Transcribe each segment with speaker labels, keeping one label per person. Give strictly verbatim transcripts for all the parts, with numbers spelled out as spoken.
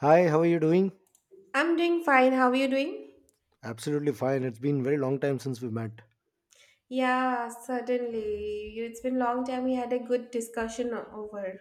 Speaker 1: Hi, how are you doing?
Speaker 2: I'm doing fine. How are you doing?
Speaker 1: Absolutely fine. It's been very long time since we met.
Speaker 2: Yeah, certainly. You- It's been long time we had a good discussion o- over.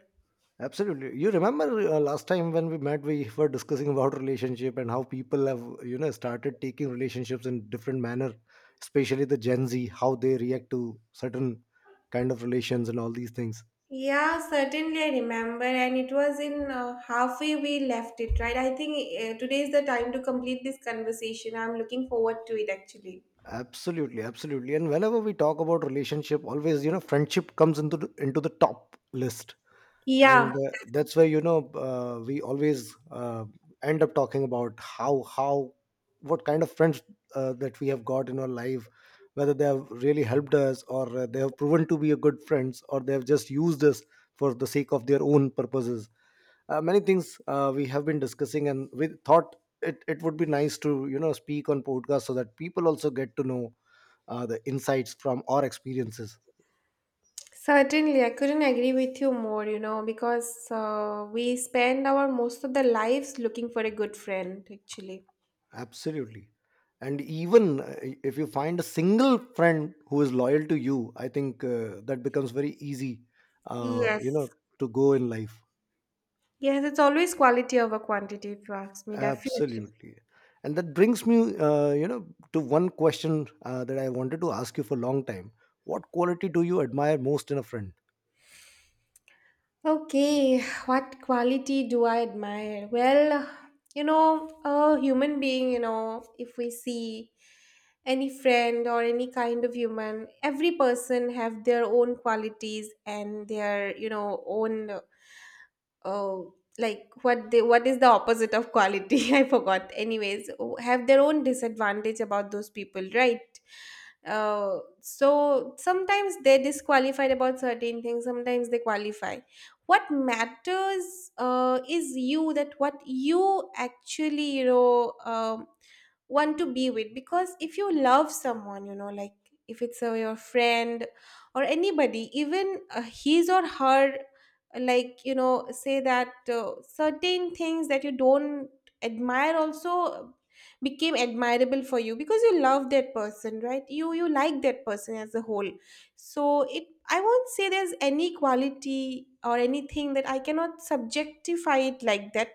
Speaker 1: Absolutely. You remember uh, last time when we met, we were discussing about relationship and how people have, you know, started taking relationships in different manner, especially the Gen Z, how they react to certain kind of relations and all these things.
Speaker 2: Yeah, certainly I remember, and it was in uh, halfway we left it, right? I think uh, today is the time to complete this conversation. I'm looking forward to it actually.
Speaker 1: Absolutely, absolutely. And whenever we talk about relationship, always, you know, friendship comes into the, into the top list
Speaker 2: Yeah,
Speaker 1: and uh, that's why you know uh, we always uh, end up talking about how how what kind of friends uh, that we have got in our life, whether they have really helped us or uh, they have proven to be a good friends, or they have just used us for the sake of their own purposes. uh, many things uh, we have been discussing, and we thought it, it would be nice to, you know, speak on podcast so that people also get to know uh, the insights from our experiences.
Speaker 2: certainly. I couldn't agree with you more, you know, because uh, we spend our most of the lives looking for a good friend actually.
Speaker 1: Absolutely. And even uh, if you find a single friend who is loyal to you, I think uh, that becomes very easy, uh, you know,
Speaker 2: Yes.
Speaker 1: to go in life.
Speaker 2: Yes, it's always quality over quantity, if you ask me, definitely.
Speaker 1: Absolutely. And that brings me, uh, you know, to one question uh, that I wanted to ask you for a long time. What quality do you admire most in a friend?
Speaker 2: Okay, what quality do I admire? Well, you know, a human being, you know, if we see any friend or any kind of human, every person have their own qualities and their, you know, own. Oh, like what they what is the opposite of quality? I forgot. Anyways, o- have their own disadvantage about those people, right? Uh, so sometimes they're disqualified about certain things, sometimes they qualify. What matters uh, is you, that what you actually, you know, um, want to be with. Because if you love someone, you know, like if it's uh, your friend or anybody, even uh, his or her, like you know, say that uh, certain things that you don't admire also became admirable for you because you love that person, right? You you like that person as a whole. So it, I won't say there's any quality or anything, that I cannot subjectify it like that.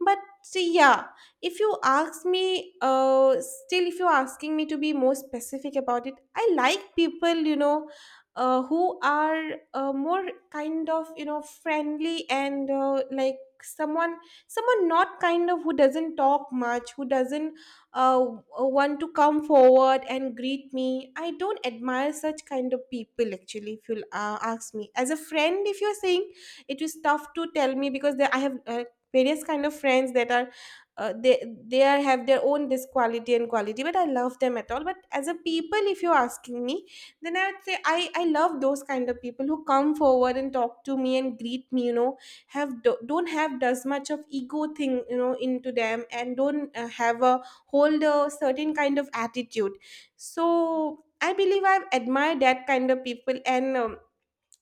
Speaker 2: But yeah, if you ask me, uh still if you're asking me to be more specific about it, I like people, you know, uh, who are uh, more kind of, you know, friendly, and uh, like someone, someone not kind of who doesn't talk much, who doesn't uh, want to come forward and greet me. I don't admire such kind of people actually, if you uh, ask me. As a friend, if you're saying, it is tough to tell me, because there, I have uh, various kind of friends that are uh, they they are, have their own this quality and quality, but I love them at all. But as a people, if you're asking me, then I would say i i love those kind of people who come forward and talk to me and greet me, you know, have do, don't have as much of ego thing, you know, into them, and don't uh, have a hold a certain kind of attitude. So I believe I've admired that kind of people. And um,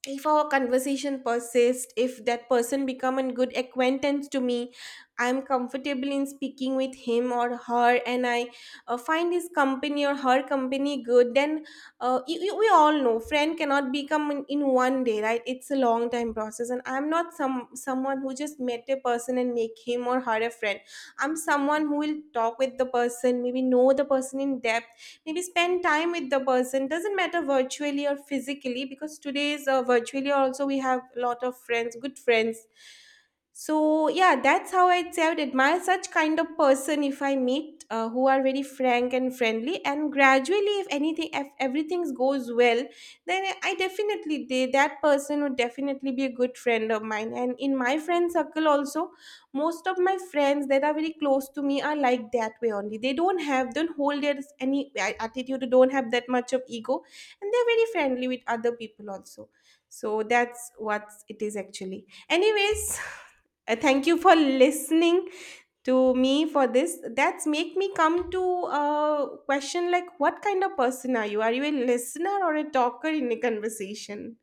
Speaker 2: if our conversation persists, if that person become a good acquaintance to me, I'm comfortable in speaking with him or her, and I uh, find his company or her company good. Then uh, you, you- we all know friend cannot become in, in one day, right? It's a long time process, and I'm not some someone who just met a person and make him or her a friend. I'm someone who will talk with the person, maybe know the person in depth, maybe spend time with the person, doesn't matter virtually or physically, because today's uh, virtually also we have a lot of friends, good friends. So yeah, that's how I'd say, I would admire such kind of person if I meet, uh, who are very frank and friendly, and gradually, if anything, if everything goes well, then I definitely, they, that person would definitely be a good friend of mine, and in my friend circle also. Most of my friends that are very close to me are like that way only. They don't have don't hold their any attitude, don't have that much of ego, and they're very friendly with other people also. So that's what it is actually. Anyways. Uh, thank you for listening to me for this. That's make me come to a question like, what kind of person are you? Are you a listener or a talker in a conversation?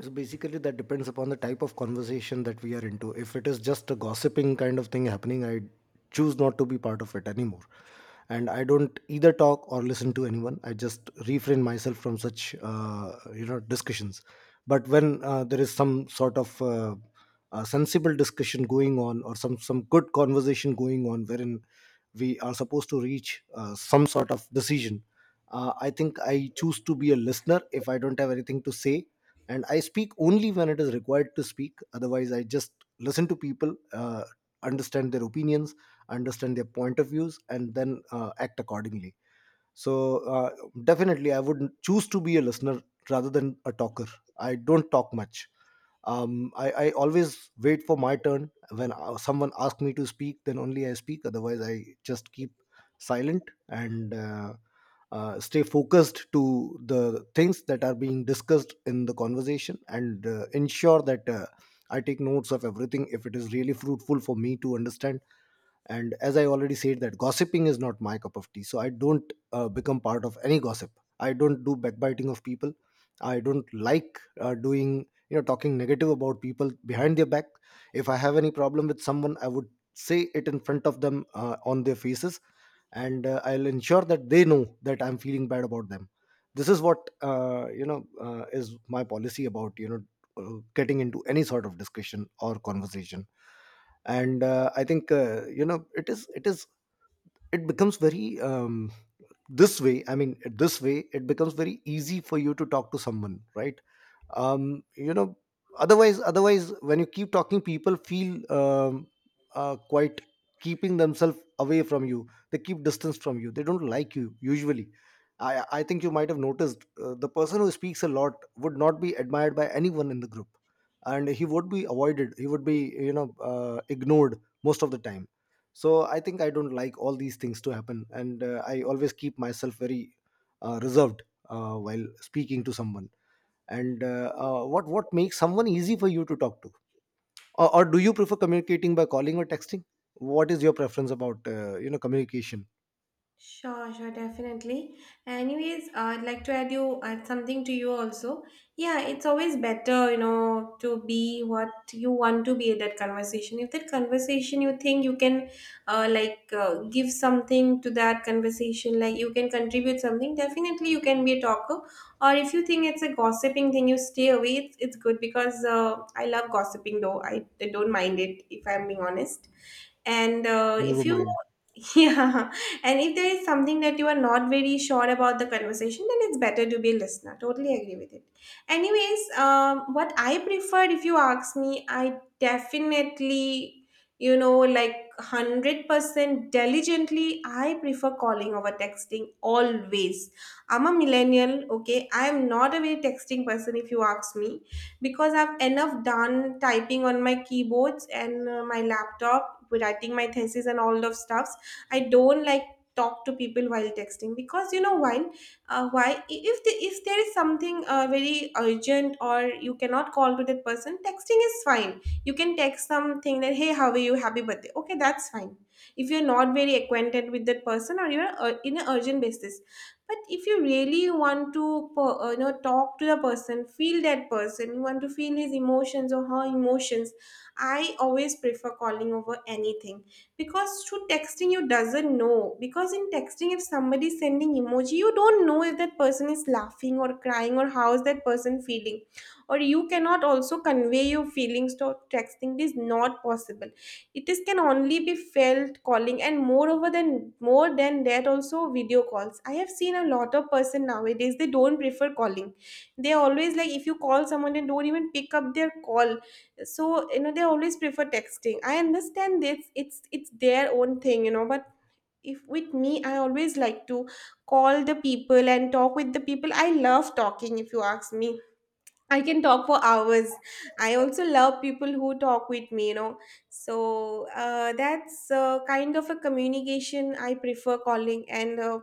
Speaker 1: So basically, that depends upon the type of conversation that we are into. If it is just a gossiping kind of thing happening, I choose not to be part of it anymore. And I don't either talk or listen to anyone. I just refrain myself from such, uh, you know, discussions. But when uh, there is some sort of uh, uh, sensible discussion going on, or some some good conversation going on, wherein we are supposed to reach uh, some sort of decision, uh, I think I choose to be a listener if I don't have anything to say, and I speak only when it is required to speak. Otherwise I just listen to people, uh, understand their opinions, understand their point of views, and then uh, act accordingly. So, uh, definitely I would choose to be a listener rather than a talker. I don't talk much. Um, I, I always wait for my turn. When uh, someone asks me to speak, then only I speak. Otherwise I just keep silent and uh, uh, stay focused to the things that are being discussed in the conversation, and uh, ensure that uh, I take notes of everything if it is really fruitful for me to understand. And as I already said that gossiping is not my cup of tea, so I don't uh, become part of any gossip. I don't do backbiting of people. I don't like uh, doing, you know, talking negative about people behind their back. If I have any problem with someone, I would say it in front of them, uh, on their faces, and uh, I'll ensure that they know that I'm feeling bad about them. This is what, uh, you know uh, is my policy about, you know uh, getting into any sort of discussion or conversation. And uh, I think, uh, you know, it is it is it becomes very, um, this way, I mean, this way it becomes very easy for you to talk to someone, right? um you know otherwise otherwise when you keep talking, people feel, um uh, quite keeping themselves away from you, they keep distance from you, they don't like you usually. I i think you might have noticed uh, the person who speaks a lot would not be admired by anyone in the group, and he would be avoided, he would be, you know, uh, ignored most of the time. So I think I don't like all these things to happen, and uh, I always keep myself very, uh, reserved, uh, while speaking to someone. And uh, uh, what what makes someone easy for you to talk to? Or, or do you prefer communicating by calling or texting? What is your preference about, uh, you know communication?
Speaker 2: Sure, sure, definitely. Anyways, I'd like to add you add something to you also. Yeah, it's always better, you know, to be what you want to be at that conversation. If that conversation you think you can, uh, like uh, give something to that conversation, like you can contribute something. Definitely, you can be a talker. Or if you think it's a gossiping thing, you stay away. It's it's good because uh, I love gossiping though. I, I don't mind it if I'm being honest. And uh,
Speaker 1: Never
Speaker 2: if you...
Speaker 1: mind.
Speaker 2: Yeah. And if there is something that you are not very sure about the conversation, then it's better to be a listener. Totally agree with it. Anyways, um, what I prefer, if you ask me, I, definitely, you know, like one hundred percent diligently, I prefer calling over texting always. I'm a millennial, okay. I'm not a very texting person, if you ask me, because I've enough done typing on my keyboards and uh, my laptop, writing my thesis and all of stuffs. I don't like talk to people while texting, because you know why, uh, why, if the, if there is something uh, very urgent, or you cannot call to that person, texting is fine. You can text something that, hey, how are you, happy birthday, okay, that's fine, if you're not very acquainted with that person, or you're uh, in an urgent basis. But if you really want to per- uh, you know, talk to the person, feel that person, you want to feel his emotions or her emotions, I always prefer calling over anything. Because through texting, you doesn't know, because in texting if somebody is sending emoji, you don't know if that person is laughing or crying, or how is that person feeling. Or you cannot also convey your feelings to texting, it is not possible. It is can only be felt calling. And moreover, than more than that also, video calls. I have seen a lot of person nowadays, they don't prefer calling. They always like, if you call someone they don't even pick up their call. So, you know, they always prefer texting. I understand this, it's it's their own thing, you know. But if with me, I always like to call the people and talk with the people. I love talking, if you ask me. I can talk for hours. I also love people who talk with me, you know. So uh, that's uh, kind of a communication I prefer, calling. And uh,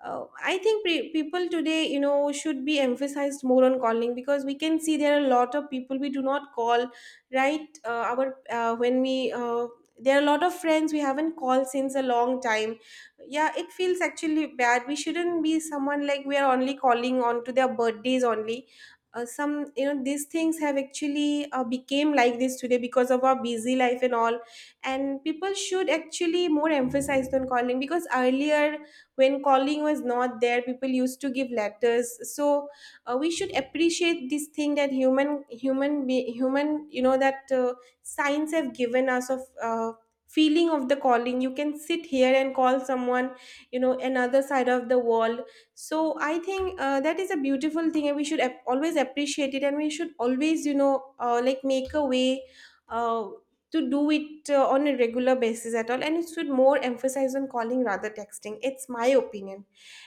Speaker 2: uh, I think, pre- people today, you know, should be emphasized more on calling, because we can see there are a lot of people we do not call, right? Uh, our uh, when we uh, there are a lot of friends we haven't called since a long time. Yeah, it feels actually bad. We shouldn't be someone like we are only calling on to their birthdays only. Uh, some, you know, these things have actually uh, became like this today, because of our busy life and all. And people should actually more emphasize on calling, because earlier, when calling was not there, people used to give letters. So uh, we should appreciate this thing, that human human be, human, you know, that uh, science have given us, of uh, feeling of the calling. You can sit here and call someone, you know, another side of the world. So I think uh, that is a beautiful thing, and we should ap- always appreciate it, and we should always, you know, uh, like make a way uh, to do it uh, on a regular basis at all. And it should more emphasize on calling rather texting, it's my opinion.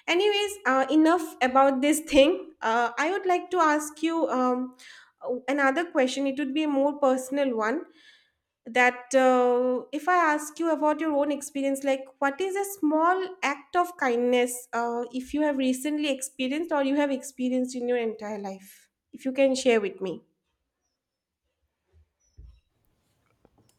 Speaker 2: Anyways, uh, enough about this thing. uh, I would like to ask you, um, uh, another question, it would be a more personal one, that uh, if I ask you about your own experience, like what is a small act of kindness, uh, if you have recently experienced, or you have experienced in your entire life? If you can share with me.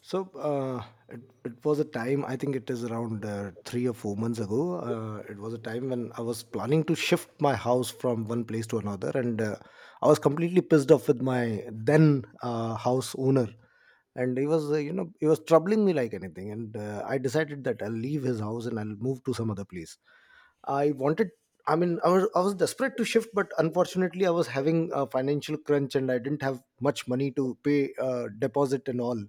Speaker 1: So uh, it, it was a time, I think it is around uh, three or four months ago. Uh, it was a time when I was planning to shift my house from one place to another. And uh, I was completely pissed off with my then uh, house owner. And he was, uh, you know, he was troubling me like anything. And uh, I decided that I'll leave his house and I'll move to some other place. I wanted, I mean, I was, I was desperate to shift, but unfortunately, I was having a financial crunch and I didn't have much money to pay uh, deposit and all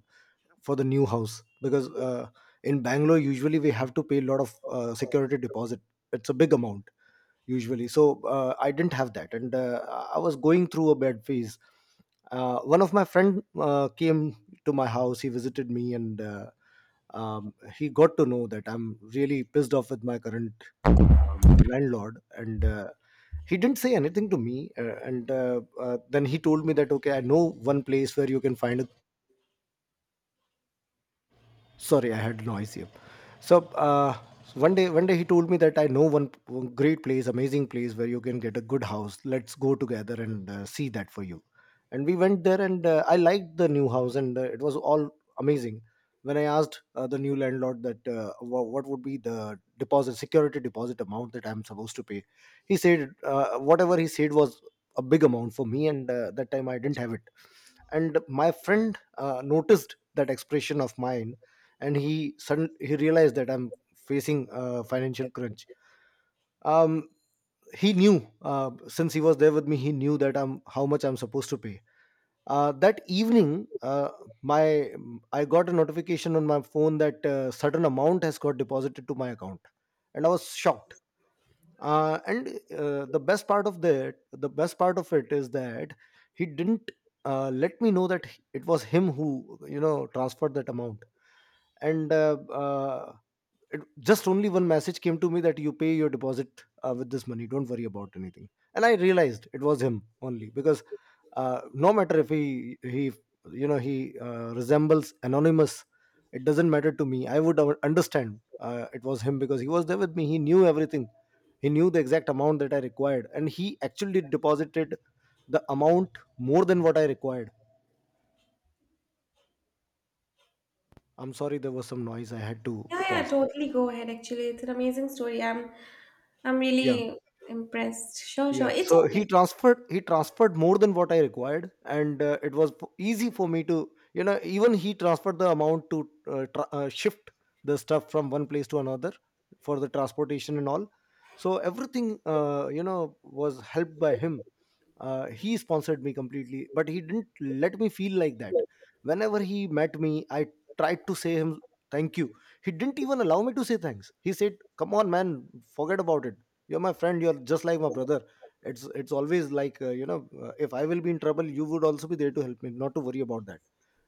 Speaker 1: for the new house, because uh, in Bangalore usually we have to pay a lot of uh, security deposit. It's a big amount usually. So uh, I didn't have that, and uh, I was going through a bad phase. uh, one of my friend uh, came to my house, he visited me, and uh, um, he got to know that I'm really pissed off with my current, um, landlord, and uh, he didn't say anything to me, uh, and uh, uh, then he told me that, okay, I know one place where you can find a, sorry, I had noise here. So, uh, one day one day he told me that, I know one one great place, amazing place, where you can get a good house. Let's go together and uh, see that for you. And we went there, and uh, I liked the new house, and uh, it was all amazing. When I asked uh, the new landlord that, uh, wha- what would be the deposit, security deposit amount that I'm supposed to pay, he said, uh, whatever he said was a big amount for me, and uh, that time I didn't have it. And my friend uh, noticed that expression of mine, and he sudden he realized that I'm facing a financial crunch. um, he knew, uh, since he was there with me, he knew that I'm, how much I'm supposed to pay. uh, that evening, uh, my I got a notification on my phone that uh, certain amount has got deposited to my account, and I was shocked. Uh, and uh, the best part of that, the best part of it is that he didn't uh, let me know that it was him who, you know, transferred that amount. And uh, uh, it, just only one message came to me that, you pay your deposit uh, with this money, don't worry about anything. And I realized it was him only because, uh, no matter if he he you know he uh, resembles anonymous, it doesn't matter to me, I would un- understand uh, it was him, because he was there with me, he knew everything, he knew the exact amount that I required, and he actually deposited the amount more than what I required. I'm sorry, there was some noise, I had to
Speaker 2: Yeah, yeah,
Speaker 1: pause.
Speaker 2: totally. Go ahead. Actually, it's an amazing story. I'm, I'm
Speaker 1: Yeah,
Speaker 2: really impressed. Sure, sure.
Speaker 1: yeah.
Speaker 2: It's
Speaker 1: So he
Speaker 2: okay.
Speaker 1: transferred he transferred more than what I required, and uh, it was p- easy for me to, you know, even he transferred the amount to uh, tra- uh, shift the stuff from one place to another, for the transportation and all. So everything, uh, you know was helped by him. uh, he sponsored me completely, but he didn't let me feel like that. Whenever he met me, I tried to say him thank you, he didn't even allow me to say thanks. He said, come on, man, forget about it. You're my friend, you're just like my brother. It's it's always like, uh, you know uh, if I will be in trouble, you would also be there to help me, not to worry about that.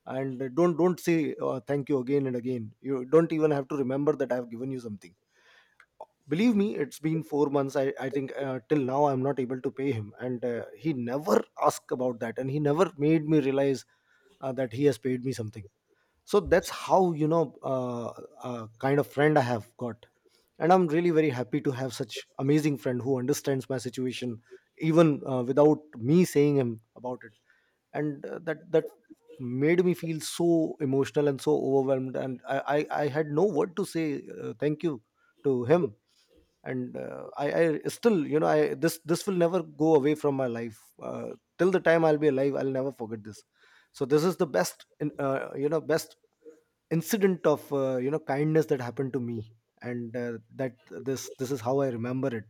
Speaker 1: And uh, don't don't say, uh, thank you again and again. You don't even have to remember that I have given you something. Believe me, it's been four months, i i think, uh, till now I'm not able to pay him, and uh, he never asked about that, and he never made me realize uh, that he has paid me something. So that's how, you know, uh, uh, kind of friend I have got, and I'm really very happy to have such amazing friend who understands my situation, even uh, without me saying him about it. And uh, that that made me feel so emotional and so overwhelmed, and i i, I had no word to say uh, thank you to him. And uh, I, I still, you know, I this this will never go away from my life, uh, till the time I'll be alive, I'll never forget this. So this is the best, in- uh, you know best incident of, uh, you know kindness that happened to me. And uh, that this this is how I remember it.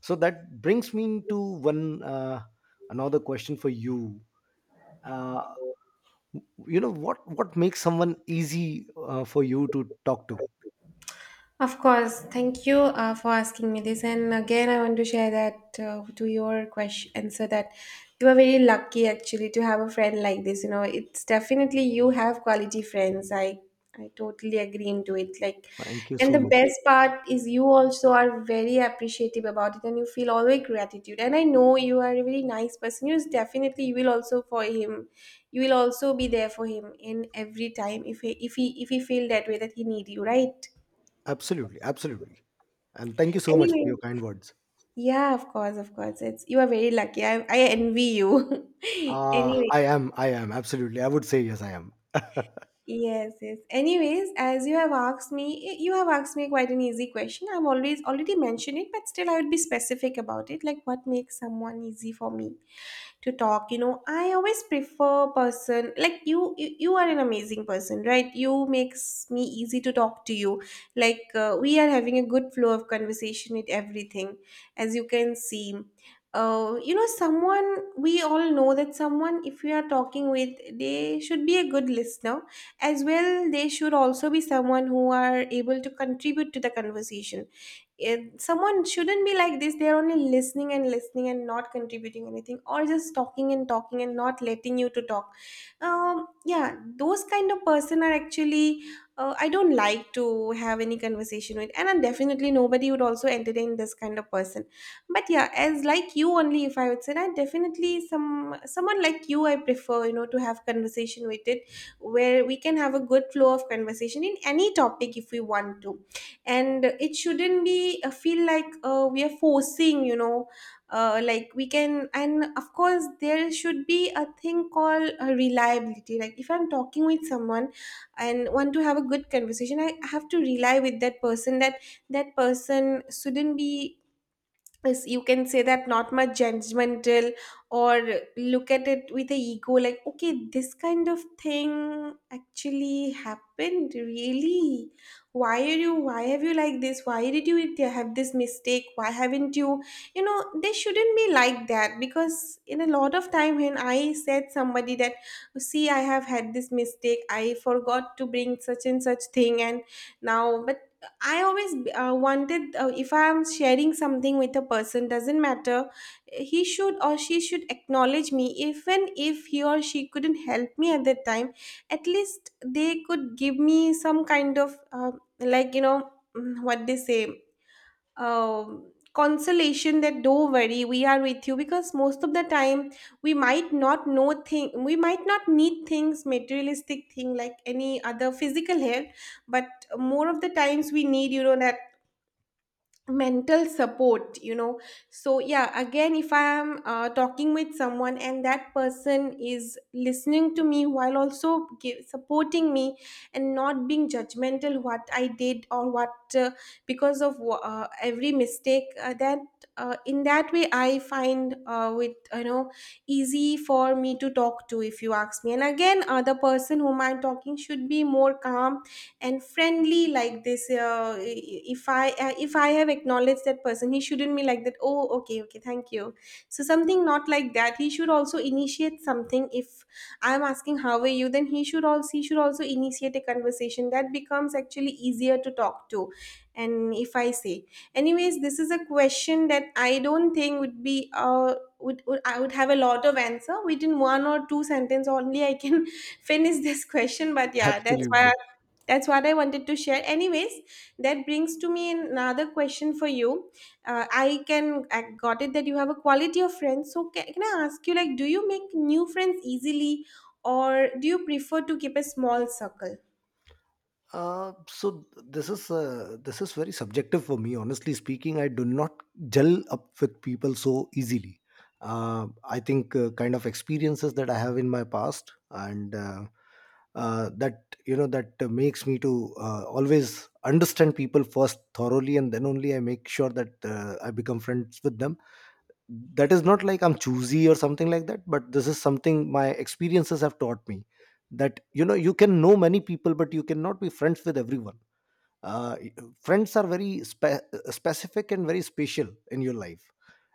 Speaker 1: So that brings me to one, uh, another question for you. uh, you know, what what makes someone easy uh, for you to talk to?
Speaker 2: Of course, thank you uh, for asking me this. And again, I want to share that, uh, to your question answer, that you are very lucky actually to have a friend like this. You know, it's definitely you have quality friends. I I totally agree into it. Like,
Speaker 1: Thank you
Speaker 2: and
Speaker 1: so
Speaker 2: the
Speaker 1: much.
Speaker 2: best part is, you also are very appreciative about it, and you feel always gratitude. And I know you are a very nice person. You definitely, you will also for him. You will also be there for him in every time if he if he if he feel that way that he need you, right?
Speaker 1: Absolutely, absolutely, and thank you so much for
Speaker 2: Anyway,
Speaker 1: your kind words.
Speaker 2: yeah, of course, of course. It's, you are very lucky. I I envy you.
Speaker 1: Ah,
Speaker 2: Anyway,
Speaker 1: i am i am absolutely, I would say, yes I am.
Speaker 2: yes, yes. Anyways, as you have asked me, you have asked me quite an easy question. I've always already mentioned it, but still I would be specific about it. Like what makes someone easy for me to talk? You know I always prefer person like you you, you are an amazing person, right? You makes me easy to talk to you. Like uh, we are having a good flow of conversation with everything, as you can see. Uh, you know someone We all know that someone, if we are talking with, they should be a good listener as well. They should also be someone who are able to contribute to the conversation. It, someone shouldn't be like this, they're only listening and listening and not contributing anything, or just talking and talking and not letting you to talk. Um, yeah, those kind of person are actually, uh, I don't like to have any conversation with, and I definitely nobody would also entertain this kind of person. But yeah, as like you only, if I would say that, definitely some someone like you I prefer, you know, to have conversation with it, where we can have a good flow of conversation in any topic if we want to. And it shouldn't be uh, feel like uh, we are forcing, you know uh, like we can. And of course, there should be a thing called uh, reliability. Like if I'm talking with someone and want to have a good conversation, I have to rely with that person, that that person shouldn't be, is, you can say that, not much judgmental, or look at it with a ego like, okay, this kind of thing actually happened, really, why are you, why have you like this, why did you have this mistake, why haven't you, you know, they shouldn't be like that. Because in a lot of time when I said somebody that, see, I have had this mistake, I forgot to bring such and such thing, and now I always uh, wanted, uh, if I'm sharing something with a person, doesn't matter, he should or she should acknowledge me. Even if he or she couldn't help me at that time, at least they could give me some kind of, uh, like you know mm, what they say, um, consolation that don't worry, we are with you. Because most of the time we might not know thing, we might not need things, materialistic thing like any other physical help, but more of the times we need, you know, that mental support, you know. So yeah, again, if I am uh, talking with someone and that person is listening to me while also give, supporting me and not being judgmental what I did or what, uh, because of wha- uh, every mistake uh, that uh, in that way I find uh, with you know easy for me to talk to, if you ask me. And again, uh, the person whom I'm talking should be more calm and friendly like this. Uh, if I uh, if i have acknowledged that person, he shouldn't be like that, oh, okay, okay, thank you. So something not like that, he should also initiate something. If I'm asking how are you, then he should also he should also initiate a conversation. That becomes actually easier to talk to. And if I say, anyways, this is a question that I don't think would be uh would, would i would have a lot of answer within one or two sentence only. I can finish this question, but yeah, that's why
Speaker 1: Absolutely.
Speaker 2: that's what I wanted to share. Anyways, that brings to me another question for you. uh, I can I got it that you have a quality of friends, so can, can i ask you, like, do you make new friends easily, or do you prefer to keep a small circle?
Speaker 1: Uh, so this is uh, this is very subjective for me. Honestly speaking, I do not gel up with people so easily. Uh, I think uh, kind of experiences that I have in my past, and uh, uh, that you know that uh, makes me to uh, always understand people first thoroughly, and then only I make sure that uh, I become friends with them. That is not like I'm choosy or something like that, but this is something my experiences have taught me, that you know, you can know many people but you cannot be friends with everyone. uh, Friends are very spe- uh, specific and very special in your life,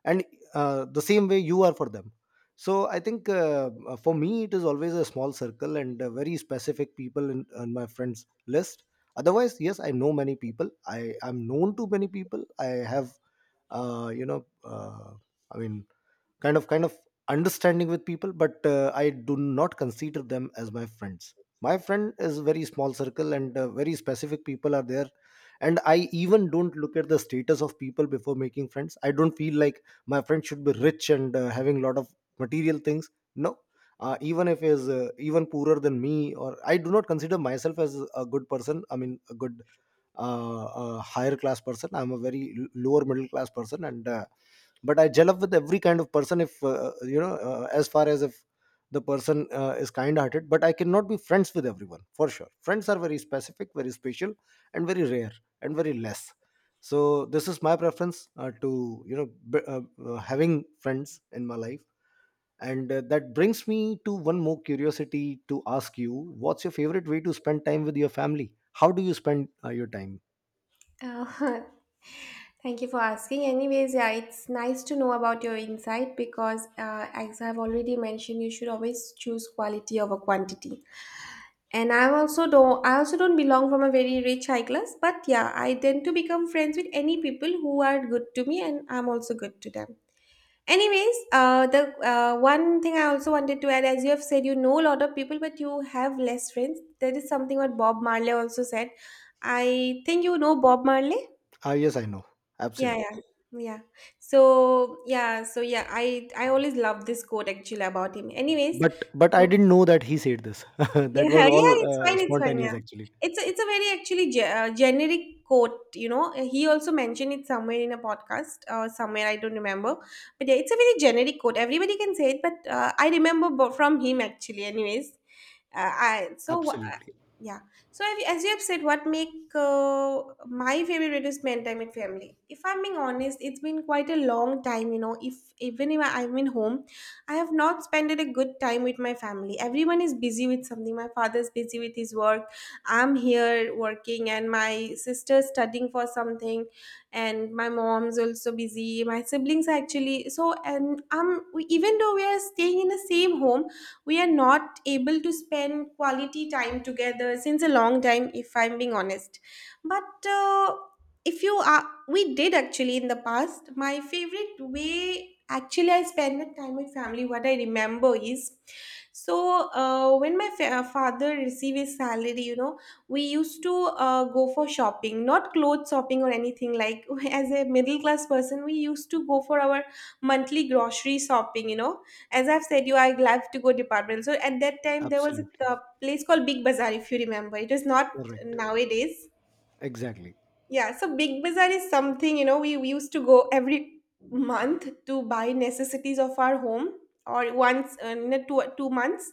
Speaker 1: and uh, the same way you are for them. So I think uh, uh, for me it is always a small circle, and uh, very specific people in, in my friends list. Otherwise, yes, I know many people, I am known to many people. I have uh, you know uh, i mean kind of kind of understanding with people, but uh, I do not consider them as my friends. My friend is very small circle, and uh, very specific people are there. And I even don't look at the status of people before making friends. I don't feel like my friend should be rich and uh, having a lot of material things. No. Uh, even if he is uh, even poorer than me, or I do not consider myself as a good person, I mean a good uh, a higher class person. I'm a very l- lower middle class person, and uh, but I gel up with every kind of person, if uh, uh, you know, uh, as far as if the person uh, is kind-hearted. But I cannot be friends with everyone for sure. Friends are very specific, very special, and very rare, and very less. So this is my preference uh, to you know b- uh, uh, having friends in my life. And uh, that brings me to one more curiosity to ask you: what's your favorite way to spend time with your family? How do you spend uh, your time?
Speaker 2: Uh, thank you for asking. Anyways, yeah, it's nice to know about your insight because, uh, as I've already mentioned, you should always choose quality over quantity. And I also don't, I also don't belong from a very rich high class, but yeah, I tend to become friends with any people who are good to me, and I'm also good to them. Anyways, uh, the uh, one thing I also wanted to add, as you have said, you know a lot of people but you have less friends. That is something what Bob Marley also said. I think you know Bob Marley.
Speaker 1: Ah, yes, I know.
Speaker 2: Yeah,
Speaker 1: Absolutely.
Speaker 2: yeah, yeah. So yeah, so yeah, I I always love this quote actually about him. Anyways,
Speaker 1: But but I
Speaker 2: so
Speaker 1: didn't know that he said this. That was
Speaker 2: yeah,
Speaker 1: all
Speaker 2: yeah, it's
Speaker 1: uh,
Speaker 2: fine, it's fine.
Speaker 1: spontaneous,
Speaker 2: Yeah,
Speaker 1: actually.
Speaker 2: it's a, it's a very actually ge- uh, generic quote. You know, he also mentioned it somewhere in a podcast or somewhere, I don't remember. But yeah, it's a very generic quote, everybody can say it, but uh, I remember bo- from him actually. Anyways, uh, I so wha- uh,
Speaker 1: Absolutely.
Speaker 2: yeah. So if, as you have said, what make uh, my favorite reduced man time with family? If I'm being honest, it's been quite a long time. You know, if even if I- I'm in home, I have not spent a good time with my family. Everyone is busy with something. My father's busy with his work, I'm here working, and my sister's studying for something, and my mom's also busy. My siblings are actually so, and um, we, even though we are staying in the same home, we are not able to spend quality time together since a long time, if I'm being honest. But uh, if you are we did actually in the past. My favorite way actually I spend the time with family, what I remember is, so uh, when my fa- uh, father received his salary, you know, we used to uh, go for shopping, not clothes shopping or anything, like, as a middle class person, we used to go for our monthly grocery shopping, you know. As I've said you, I love to go department. So at that time there was a
Speaker 1: Absolutely.
Speaker 2: uh, place called Big Bazaar, if you remember. It was not
Speaker 1: Correct.
Speaker 2: nowadays.
Speaker 1: Exactly.
Speaker 2: Yeah, so Big Bazaar is something, you know, we, we used to go every month to buy necessities of our home, or once uh, in a two, two months,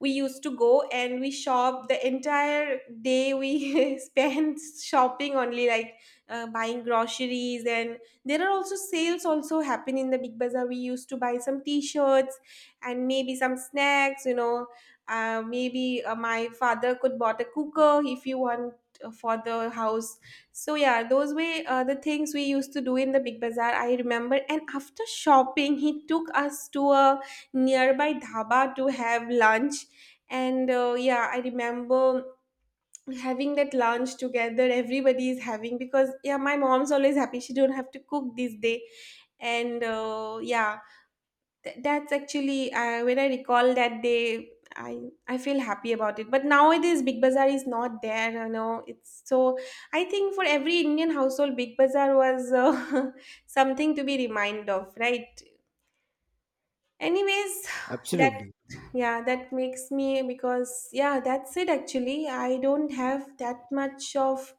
Speaker 2: we used to go and we shop the entire day. We spent shopping only, like uh, buying groceries and there are also sales also happen in the Big Bazaar. We used to buy some t-shirts and maybe some snacks, you know, uh, maybe uh, my father could bought a cooker if you want uh, for the house. So yeah, those were uh, the things we used to do in the Big Bazaar, I remember. And after shopping, he took us to a nearby dhaba to have lunch. And uh, yeah, I remember having that lunch together. Everybody is having because yeah, my mom's always happy, she don't have to cook this day. And uh, yeah, Th- that's actually, uh, when I recall that day, I I feel happy about it. But nowadays, Big Bazaar is not there, you know, it's so. I think for every Indian household, Big Bazaar was uh, something to be reminded of, right? Anyways, that
Speaker 1: Absolutely.
Speaker 2: yeah, that makes me, because yeah, that's it actually. I don't have that much of,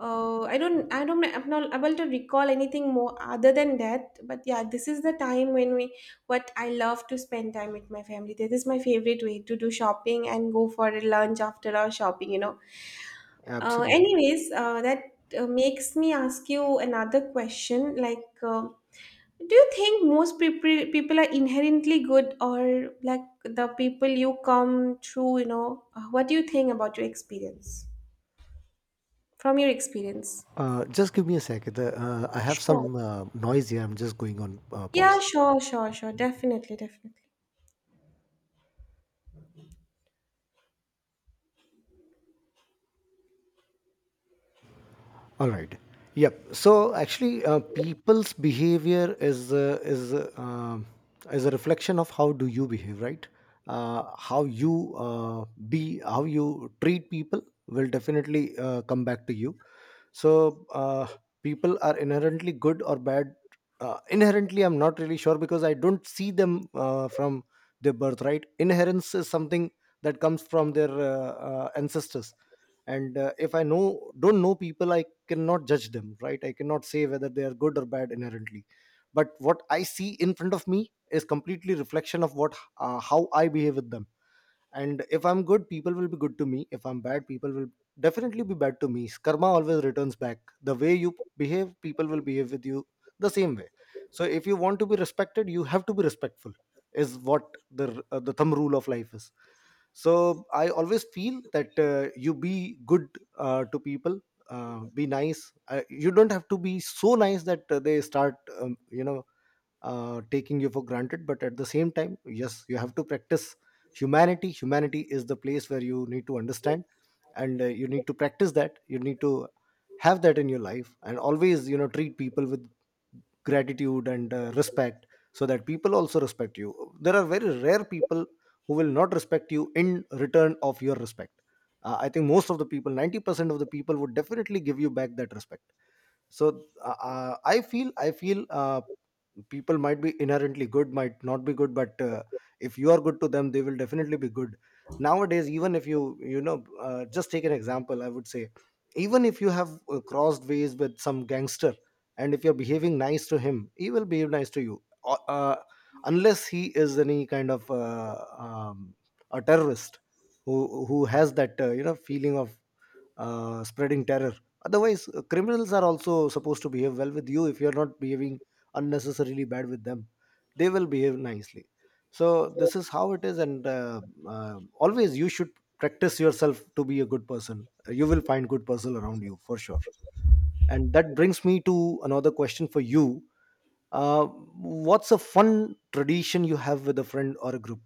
Speaker 2: uh I don't I don't I'm not able to recall anything more other than that. But yeah, this is the time when we, what I love to spend time with my family. This is my favorite way, to do shopping and go for a lunch after our shopping, you know. Uh,
Speaker 1: Absolutely.
Speaker 2: anyways, uh that uh, makes me ask you another question, like uh, do you think most people people are inherently good, or like the people you come through? You know, uh, what do you think about your experience, from your experience?
Speaker 1: Uh, just give me a sec. The, uh, I have
Speaker 2: Sure.
Speaker 1: some uh, noise here. I'm just going on uh, pause.
Speaker 2: Yeah, sure, sure, sure. Definitely, definitely.
Speaker 1: All right. Yep. So actually, uh, people's behavior is uh, is uh, um, is a reflection of how do you behave, right? Uh, how you uh, be, how you treat people will definitely uh, come back to you. So uh, people are inherently good or bad? Uh, inherently I'm not really sure, because I don't see them uh, from their birthright. Inherence is something that comes from their uh, uh, ancestors, and uh, if I know don't know people, I cannot judge them, right? I cannot say whether they are good or bad inherently. But what I see in front of me is completely reflection of what, uh, how I behave with them. And if I'm good, people will be good to me. If I'm bad, people will definitely be bad to me. Karma always returns back. The way you behave, people will behave with you the same way. So if you want to be respected, you have to be respectful, is what the uh, the thumb rule of life is. So I always feel that uh, you be good uh, to people, uh, be nice. Uh, you don't have to be so nice that uh, they start um, you know, uh, taking you for granted. But at the same time, yes, you have to practice humanity. Humanity is the place where you need to understand, and uh, you need to practice that. You need to have that in your life, and always, you know, treat people with gratitude and uh, respect, so that people also respect you. There are very rare people who will not respect you in return of your respect. Uh, I think most of the people, ninety percent of the people would definitely give you back that respect. So uh, uh, I feel, i feel uh, people might be inherently good, might not be good, but uh, if you are good to them, they will definitely be good. Nowadays, even if you you know uh, just take an example, I would say, even if you have uh, crossed ways with some gangster, and if you're behaving nice to him, he will behave nice to you. Uh, uh, unless he is any kind of uh, um, a terrorist who who has that uh, you know, feeling of uh, spreading terror. Otherwise, uh, criminals are also supposed to behave well with you. If you're not behaving unnecessarily bad with them, they will behave nicely. So this is how it is. And uh, uh, always, you should practice yourself to be a good person. You will find good person around you, for sure. And that brings me to another question for you: uh, what's a fun tradition you have with a friend or a group?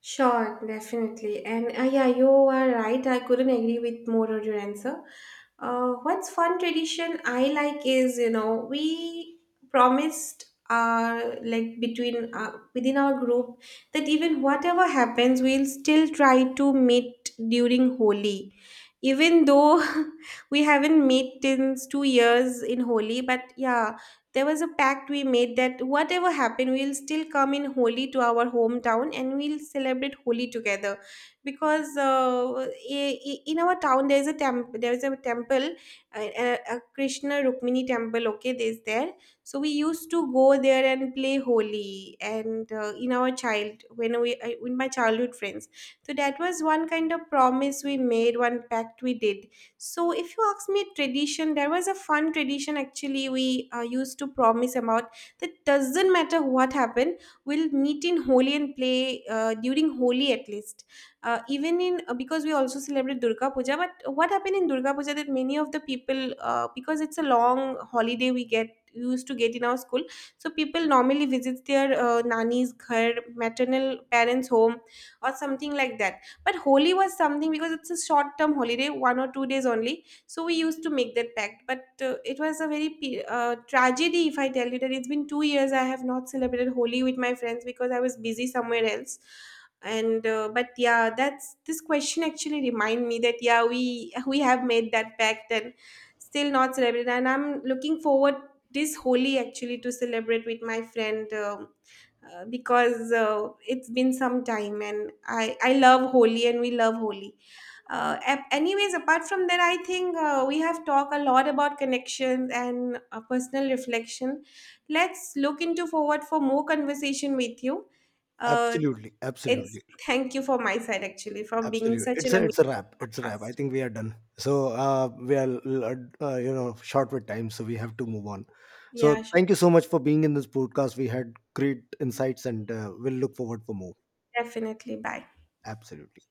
Speaker 2: Sure, definitely. And uh, yeah, you are right, I couldn't agree with more on your answer. Uh, what's fun tradition I like is, you know, we promised our, like, between uh, within our group, that even whatever happens, we'll still try to meet during Holi. Even though we haven't met since two years in Holi, but yeah, there was a pact we made that whatever happened, we'll still come in holy to our hometown and we'll celebrate holy together. Because uh, i- i- in our town, there's a temp- there's a temple, a, a a Krishna Rukmini temple. Okay, there's there. So we used to go there and play holy, and uh, in our child when we uh, with my childhood friends. So that was one kind of promise we made, one pact we did. So if you ask me, tradition, there was a fun tradition actually we uh, used to promise about, that doesn't matter what happened, we'll meet in Holi and play uh, during Holi at least. Uh, even in uh, because we also celebrate Durga Puja, but what happened in Durga Puja, that many of the people, uh, because it's a long holiday, we get used to get in our school. So people normally visit their uh, nani's ghar, maternal parents home, or something like that. But Holi was something, because it's a short term holiday, one or two days only. So we used to make that pact. But uh, it was a very pe- uh, tragedy, if I tell you, that it's been two years I have not celebrated Holi with my friends because I was busy somewhere else. And uh, but yeah, that's, this question actually remind me that yeah, we we have made that pact and still not celebrated. And I'm looking forward this Holi actually to celebrate with my friend. um uh, because uh, it's been some time, and I, I love Holi and we love Holi. Uh, ap- anyways, apart from that, I think uh, we have talked a lot about connections and uh, personal reflection. Let's look into forward for more conversation with you. Uh,
Speaker 1: Absolutely,
Speaker 2: it's
Speaker 1: absolutely.
Speaker 2: thank you for my side actually, from being
Speaker 1: Absolutely.
Speaker 2: such
Speaker 1: It's
Speaker 2: an
Speaker 1: a, it's a
Speaker 2: amazing
Speaker 1: wrap. It's a wrap. I
Speaker 2: cast.
Speaker 1: think we are done. So uh, we are l- uh, uh, you know, short with time, so we have to move on.
Speaker 2: Yeah,
Speaker 1: So
Speaker 2: sure.
Speaker 1: thank you so much for being in this podcast. We had great insights, and uh, we'll look forward for more.
Speaker 2: Definitely. Bye.
Speaker 1: Absolutely.